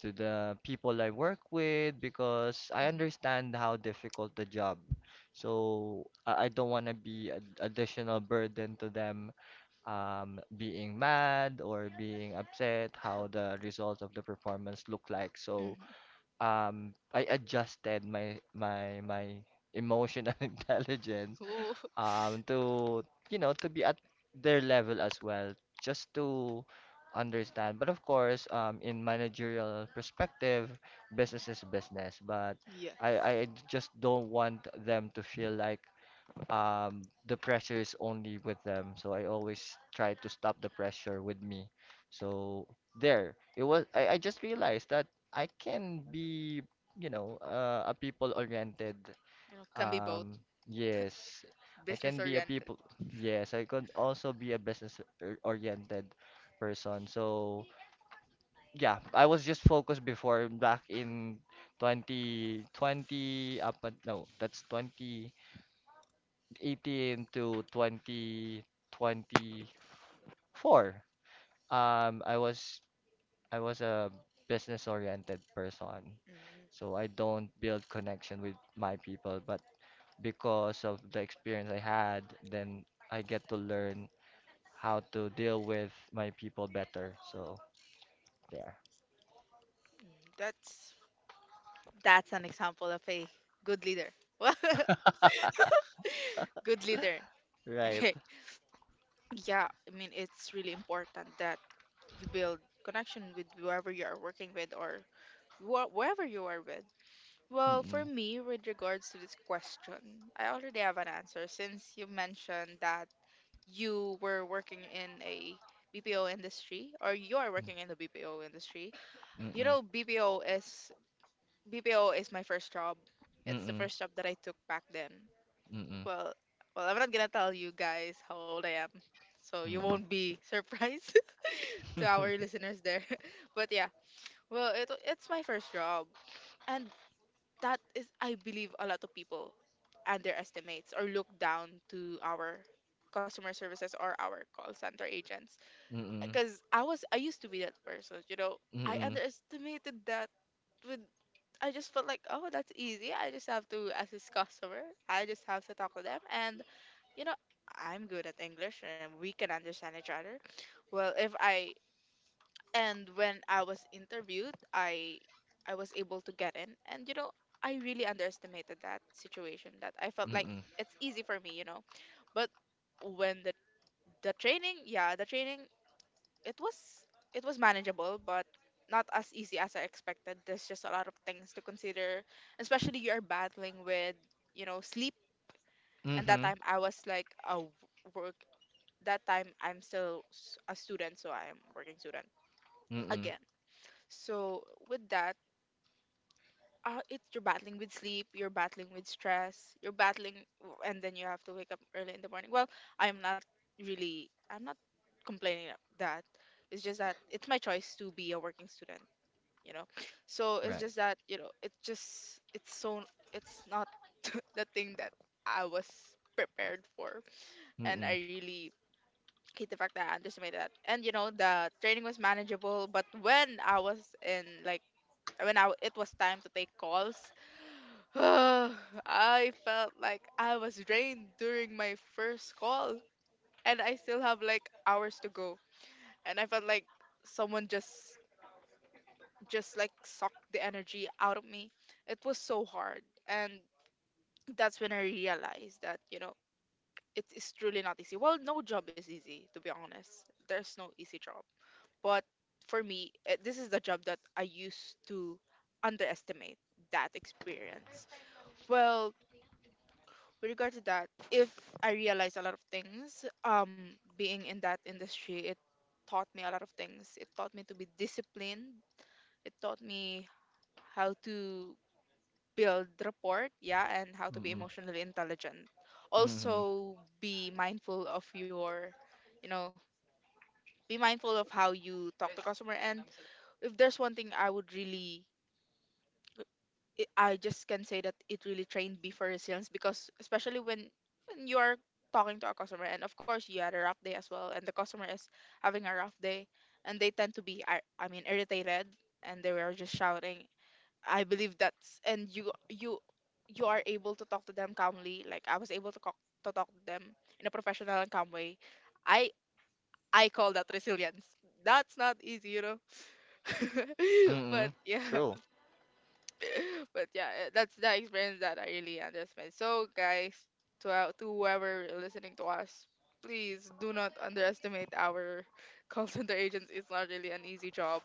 to the people I work with because I Hmm. understand how difficult the job. So I don't want to be an additional burden to them, being mad or being upset how the results of the performance look like. So Hmm. I adjusted my emotional intelligence Ooh. To to be at their level as well just to understand, but of course in managerial perspective, business is business. But I Yes, just don't want them to feel like the pressure is only with them, so I always try to stop the pressure with me. So there it was. I just realized that I can be, a people oriented, you know can be both, um, yes, I can business be a oriented. people. Yes, I could also be a oriented person. So yeah, I was just focused before back in 2020 up and no, that's 2018 to 2024. Um, I was I was a business oriented person. Mm. Mm. So I don't build connection with my people, but because of the experience I had, then I get to learn how to deal with my people better. So there. that's That's an example of a good leader. Good leader. Right. Okay. Yeah, I mean it's really important that you build connection with whoever you are working with or you are, wherever you are with. Well, for Mm-mm. me, with regards to this question, I already have an answer since you mentioned that you were working in a BPO industry or you are working in the BPO industry. You Mm-mm. know, BPO is my first job. It's the Mm-mm. first job that I took back then. Mm-mm. Well, well, I'm not gonna tell you guys how old I am, so you Mm-mm. won't be surprised to our listeners there. But yeah, well, it's my first job, and that is, I believe, a lot of people underestimates or look down to our customer services or our call center agents Mm-mm. because I used to be that person, you know. I Mm-mm. underestimated that. With I just felt like, oh, that's easy. I just have to assist customer. I just have to talk to them, and you know, I'm good at English, and we can understand each other. Well, if I and when I was interviewed, I was able to get in, and you know, I really underestimated that situation. That I felt like Mm-mm. it's easy for me, you know, but when the training, yeah, the training, it was it was manageable but not as easy as I expected. There's just a lot of things to consider, especially you're battling with, you know, sleep. And that Mm-hmm. time I was like a work, that time I'm still, a student, so I'm working student Mm-mm. again. So with that, it's you're battling with sleep, you're battling with stress, you're battling, and then you have to wake up early in the morning. Well, I'm not I'm not complaining of that. It's just that it's my choice to be a working student. you know so it's Right. just that, it's just, it's so, it's not the thing that I was prepared for. And I Mm-mm. really hate the fact that I underestimated that. And the training was manageable, but when I was in like when I, it was time to take calls. I felt like I was drained during my first call, and I still have like hours to go, and I felt like someone just like sucked the energy out of me. It was so hard. And that's when I realized that, you know, it is truly not easy. Well, no job is easy, to be honest. There's no easy job. But for me, this is the job that I used to underestimate, that experience. Well, with regard to that, if I realized a lot of things, being in that industry, it taught me a lot of things. It taught me to be disciplined. It taught me how to build rapport, yeah, and how to be Mm-mm. emotionally intelligent. Mm-hmm. Also, be mindful of you know, be mindful of how you talk to customer. And if there's one thing I would really, I just can say that it really trained me for resilience because especially when you are talking to a customer, and of course you had a rough day as well, and the customer is having a rough day, and they tend to be, I mean, irritated, and they were just shouting. I believe that's and you are able to talk to them calmly. Like I was able to talk to them in a professional and calm way. I I call that resilience. That's not easy, you know. but Mm-mm. yeah, True. but yeah, that's the experience that I really understand. So guys, to whoever listening to us, please do not underestimate our call center agents. It's not really an easy job,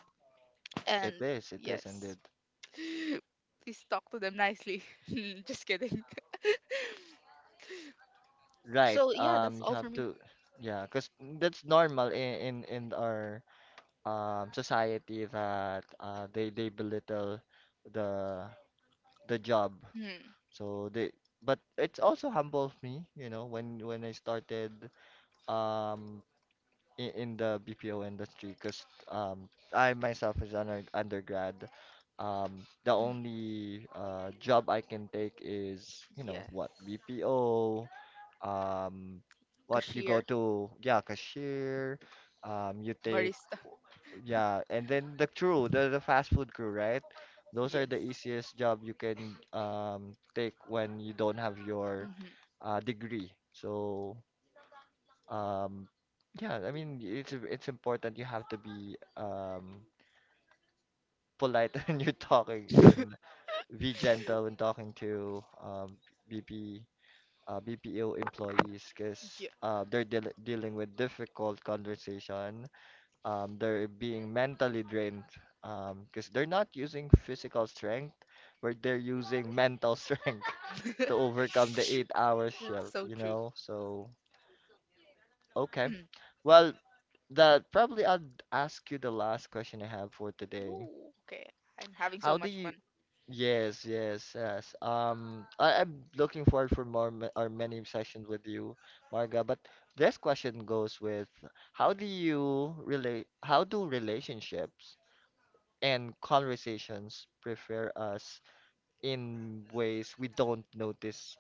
and It is. It is yes, indeed. please talk to them nicely. Just kidding. Right. So yeah, that's You all for have me. to, yeah, because that's normal in our society that they belittle the the job. Mm, So they, but it's also humbles me, you know, when I started um in the BPO industry, because I myself is an undergrad, um the mm, only job I can take is, you know what, yes. BPO, um what you go Cashier, to, yeah, cashier, you take barista. yeah, and then the crew, the fast food crew, right? Those are the Yes. easiest job you can take when you don't have your Hmm. Degree. So um yeah, I mean it's important. You have to be polite when you're talking, and be gentle when talking to um BP uh BPO employees because Yeah. They're deal dealing with difficult conversation. They're being mentally drained, because they're not using physical strength, but they're using mental strength to overcome the 8-hour That's shift, so you true. know? So, okay. Well, that probably I'll ask you the last question I have for today. Ooh, okay. I'm having so How do much you? fun. Yes, yes, yes. I'm looking forward for more ma- or many sessions with you, Marga. But this question goes with, how do you relate? How do relationships and conversations prepare us in ways we don't notice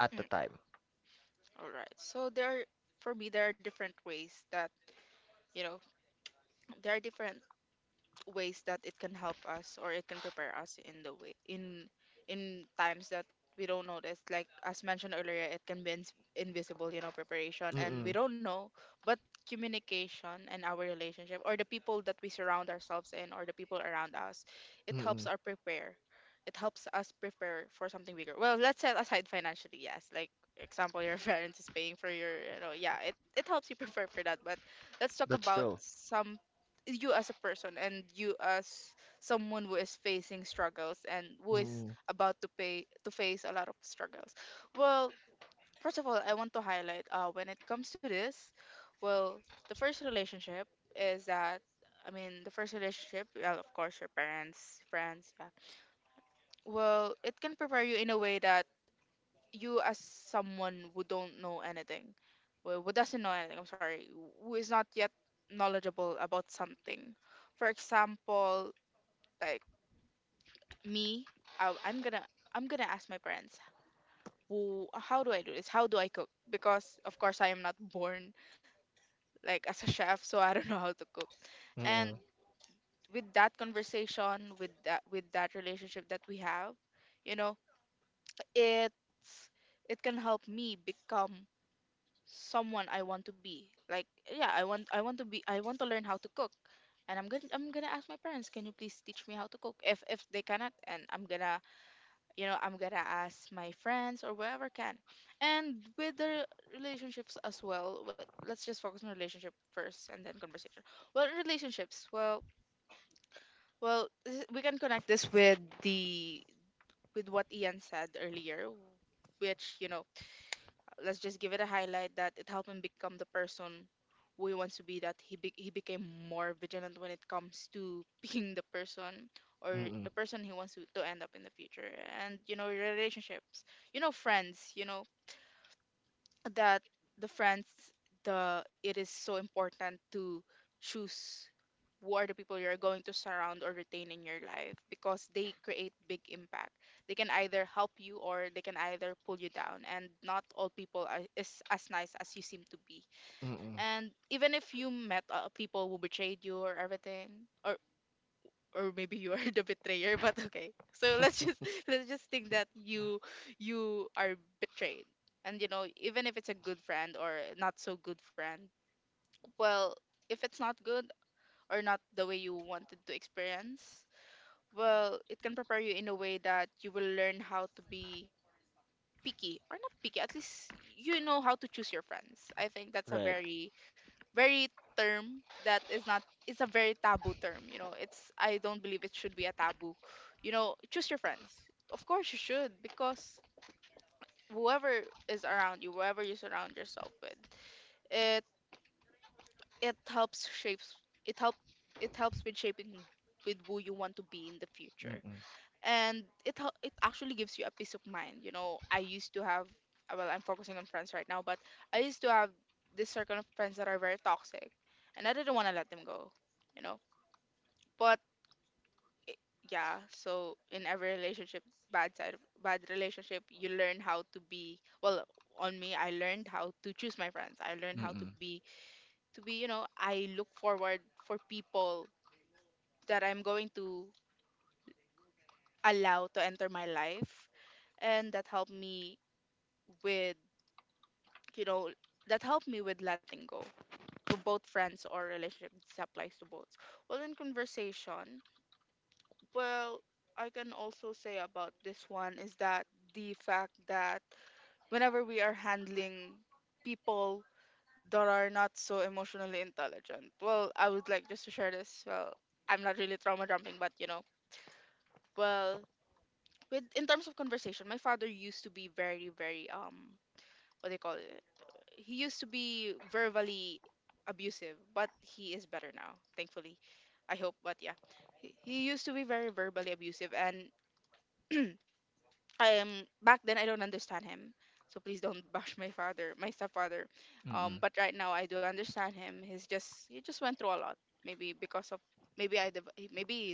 at the Mm, time? all right. For me, there are different ways that, you know, there are different ways that it can help us or it can prepare us in the way in times that we don't notice. Like as mentioned earlier, it can be invisible, you know, preparation. And we Mm-mm. don't know, but communication and our relationship or the people that we surround ourselves in or the people around us, it helps Mm-mm. our prepare. It helps us prepare for something bigger. Well, let's set aside financially, yes. Like example, your parents is paying for your, you know, yeah, it helps you prepare for that. But let's talk That's about true. some you as a person and you as someone who is facing struggles and who is Mm-mm. about to pay to face a lot of struggles. Well, first of all, I want to highlight when it comes to this, well, the first relationship is that, I mean, the first relationship, well, of course, your parents, friends, yeah. Well, it can prepare you in a way that you, as someone who don't know anything, well, who doesn't know anything, I'm sorry, who is not yet knowledgeable about something. For example, like me, I, I'm gonna. I'm gonna ask my parents, " how do I do this? How do I cook? Because of course I am not born like as a chef, so I don't know how to cook. And Mm-mm. with that conversation, with that relationship that we have, you know, it's it can help me become someone I want to be. Like yeah, I want to learn how to cook. And I'm gonna ask my parents, can you please teach me how to cook? If they cannot, and I'm gonna you know I'm gonna ask my friends or wherever can and with the relationships as well, but let's just focus on relationship first and then conversation. Well, relationships, well, well we can connect this with the with what Ian said earlier, which, you know, let's just give it a highlight that it helped him become the person who he wants to be, that he became more vigilant when it comes to being the person or Mm-mm. the person he wants to end up in the future. And you know relationships, you know friends, you know, that the friends, the it is so important to choose who are the people you're going to surround or retain in your life because they create big impact. They can either help you or they can either pull you down. And not all people is as nice as you seem to be. Mm-mm. And even if you met people who betrayed you or everything, or or maybe you are the betrayer, but okay. So let's just let's just think that you are betrayed. And you know, even if it's a good friend or not so good friend, well, if it's not good, or not the way you wanted to experience, well, it can prepare you in a way that you will learn how to be picky or not picky. At least you know how to choose your friends. I think that's a Right. very very term that is not, it's a very taboo term, you know. It's, I don't believe it should be a taboo. You know, choose your friends, of course you should, because whoever is around you, whoever you surround yourself with, it it helps shapes, it help it helps with shaping with who you want to be in the future. Mm-mm. And it actually gives you a peace of mind. You know, I used to have well, I'm focusing on friends right now, but I used to have this circle of friends that are very toxic, and I didn't want to let them go. You know, but i- yeah, so in every relationship, bad side of bad relationship, you learn how to be well. On me, I learned how to choose my friends. I learned how to Mm-mm. be to be. You know, I look forward for people that I'm going to allow to enter my life, and that helped me with, you know, that helped me with letting go, to both friends or relationship, this applies to both. Well in conversation, well, I can also say about this one is that the fact that whenever we are handling people that are not so emotionally intelligent, well, I would like just to share this, well, I'm not really trauma jumping, but you know, well with in terms of conversation, my father used to be very, very what they call it. He used to be verbally abusive, but he is better now, thankfully. I hope, but yeah. He used to be very verbally abusive and I am back then I don't understand him. So please don't bash my father, my stepfather. Mm-mm. But right now I do understand him. He just went through a lot. Maybe because of maybe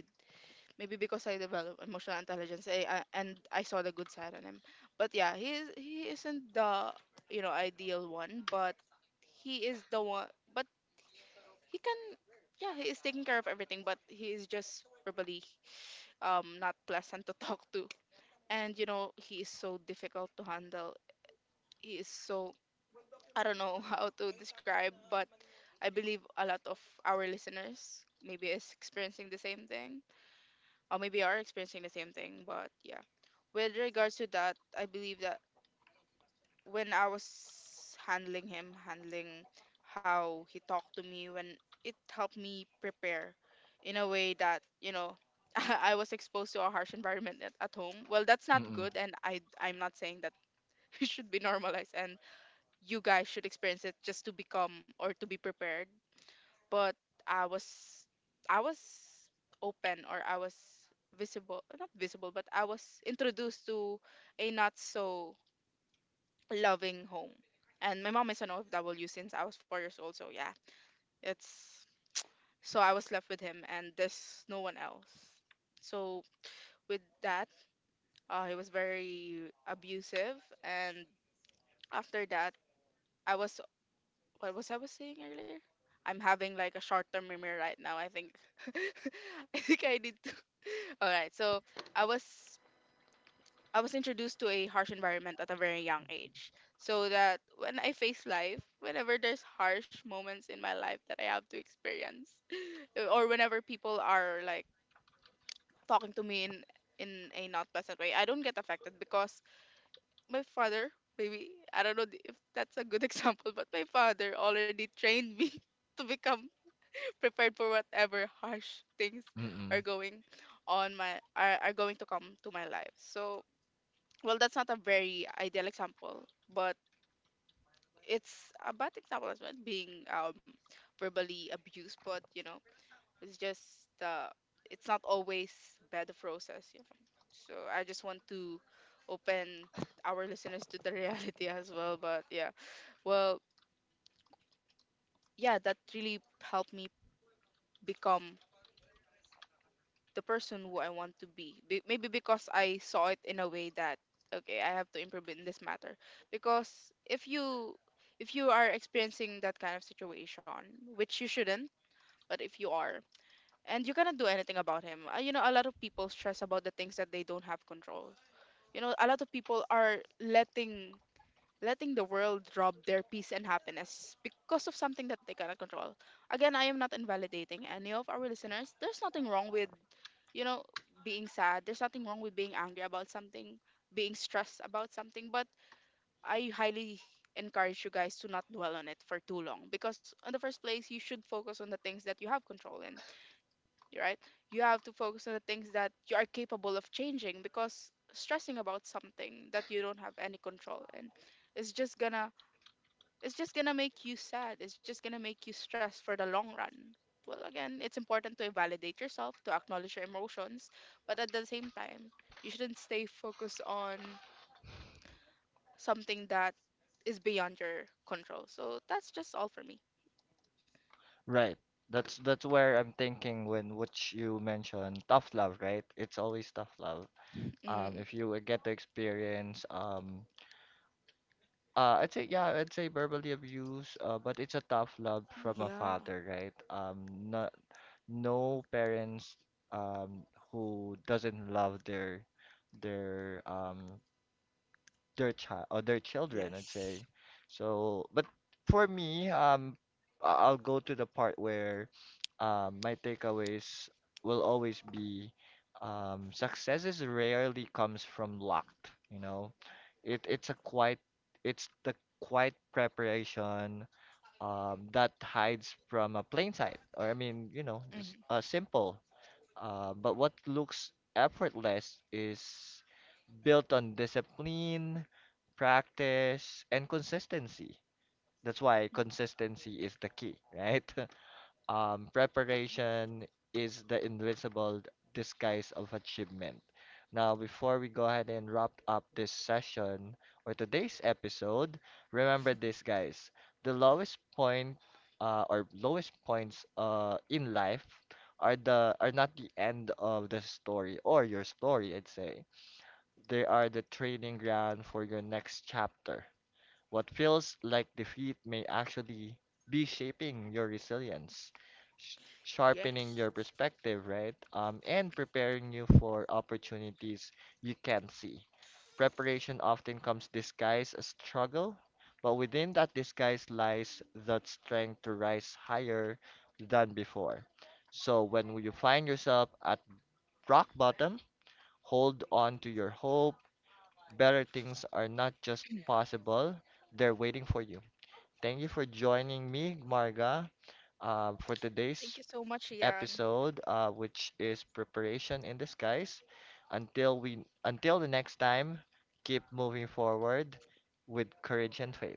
maybe because I developed emotional intelligence, and I saw the good side on him. But yeah, he isn't the, you know, ideal one, but he is the one. But he can yeah he is taking care of everything, but he is just verbally not pleasant to talk to, and you know he is so difficult to handle. He is so I don't know how to describe, but I believe a lot of our listeners maybe is experiencing the same thing or maybe are experiencing the same thing. But yeah, with regards to that, I believe that when I was handling him, handling how he talked to me, when it helped me prepare in a way that you know I was exposed to a harsh environment at home. Well, that's not Mm-mm. good, and I'm not saying that it should be normalized and you guys should experience it just to become or to be prepared, but I was I was open, or I was visible, not visible, but I was introduced to a not so loving home. And my mom is an OFW since I was 4 years old, so yeah. It's so I was left with him and there's no one else. So with that he was very abusive, and after that, I was what was I was saying earlier? I'm having like a short-term memory right now. I think I think I need to. All right, so I was I was introduced to a harsh environment at a very young age, so that when I face life, whenever there's harsh moments in my life that I have to experience, or whenever people are like talking to me in a not pleasant way, I don't get affected because my father, maybe I don't know if that's a good example, but my father already trained me to become prepared for whatever harsh things are Mm-mm. going on my are going to come to my life. So well, that's not a very ideal example, but it's a bad example as well, being verbally abused. But you know, it's just uh, it's not always bad process. You know, so I just want to open our listeners to the reality as well. But yeah. Well, yeah, that really helped me become the person who I want to be. Maybe because I saw it in a way that okay, I have to improve in this matter. Because if you are experiencing that kind of situation, which you shouldn't, but if you are, and you cannot do anything about him, you know, a lot of people stress about the things that they don't have control. You know, a lot of people are letting letting the world rob their peace and happiness because of something that they cannot control. Again, I am not invalidating any of our listeners. There's nothing wrong with, you know, being sad. There's nothing wrong with being angry about something, being stressed about something, but I highly encourage you guys to not dwell on it for too long, because in the first place you should focus on the things that you have control in, right? You have to focus on the things that you are capable of changing, because stressing about something that you don't have any control in is just gonna, it's just gonna make you sad. It's just gonna make you stressed for the long run. Well, again, it's important to validate yourself, to acknowledge your emotions, but at the same time, you shouldn't stay focused on something that is beyond your control. So that's just all for me. Right. That's where I'm thinking when what you mentioned, tough love, right? It's always tough love. Mm, If you get to experience I'd say, yeah, I'd say verbally abuse, but it's a tough love from a yeah. father, right? No, no parents um who doesn't love their um their child or their children, I'd Yes. say. So, but for me, I'll go to the part where my takeaways will always be, successes rarely comes from luck, you know. It's a quiet, it's the quiet preparation, that hides from a plain sight, or I mean, you know, Mhm. just, simple, but what looks effortless is built on discipline, practice, and consistency. That's why Mm, consistency is the key, right? Yes. preparation is the invisible disguise of achievement. Now, before we go ahead and wrap up this session or today's episode, remember this, guys. The lowest point, or lowest points in life, are the are not the end of the story or your story, I'd say. They are the training ground for your next chapter. What feels like defeat may actually be shaping your resilience, sh- Yes. sharpening your perspective, right? And preparing you for opportunities you can't see. Preparation often comes disguised as struggle, but within that disguise lies that strength to rise higher than before. So when you find yourself at rock bottom, hold on to your hope. Better things are not just possible, they're waiting for you. Thank you for joining me, Marga, for Thank you today's so much, Ian. episode, which is preparation in disguise. Until we, until the next time, keep moving forward with courage and faith.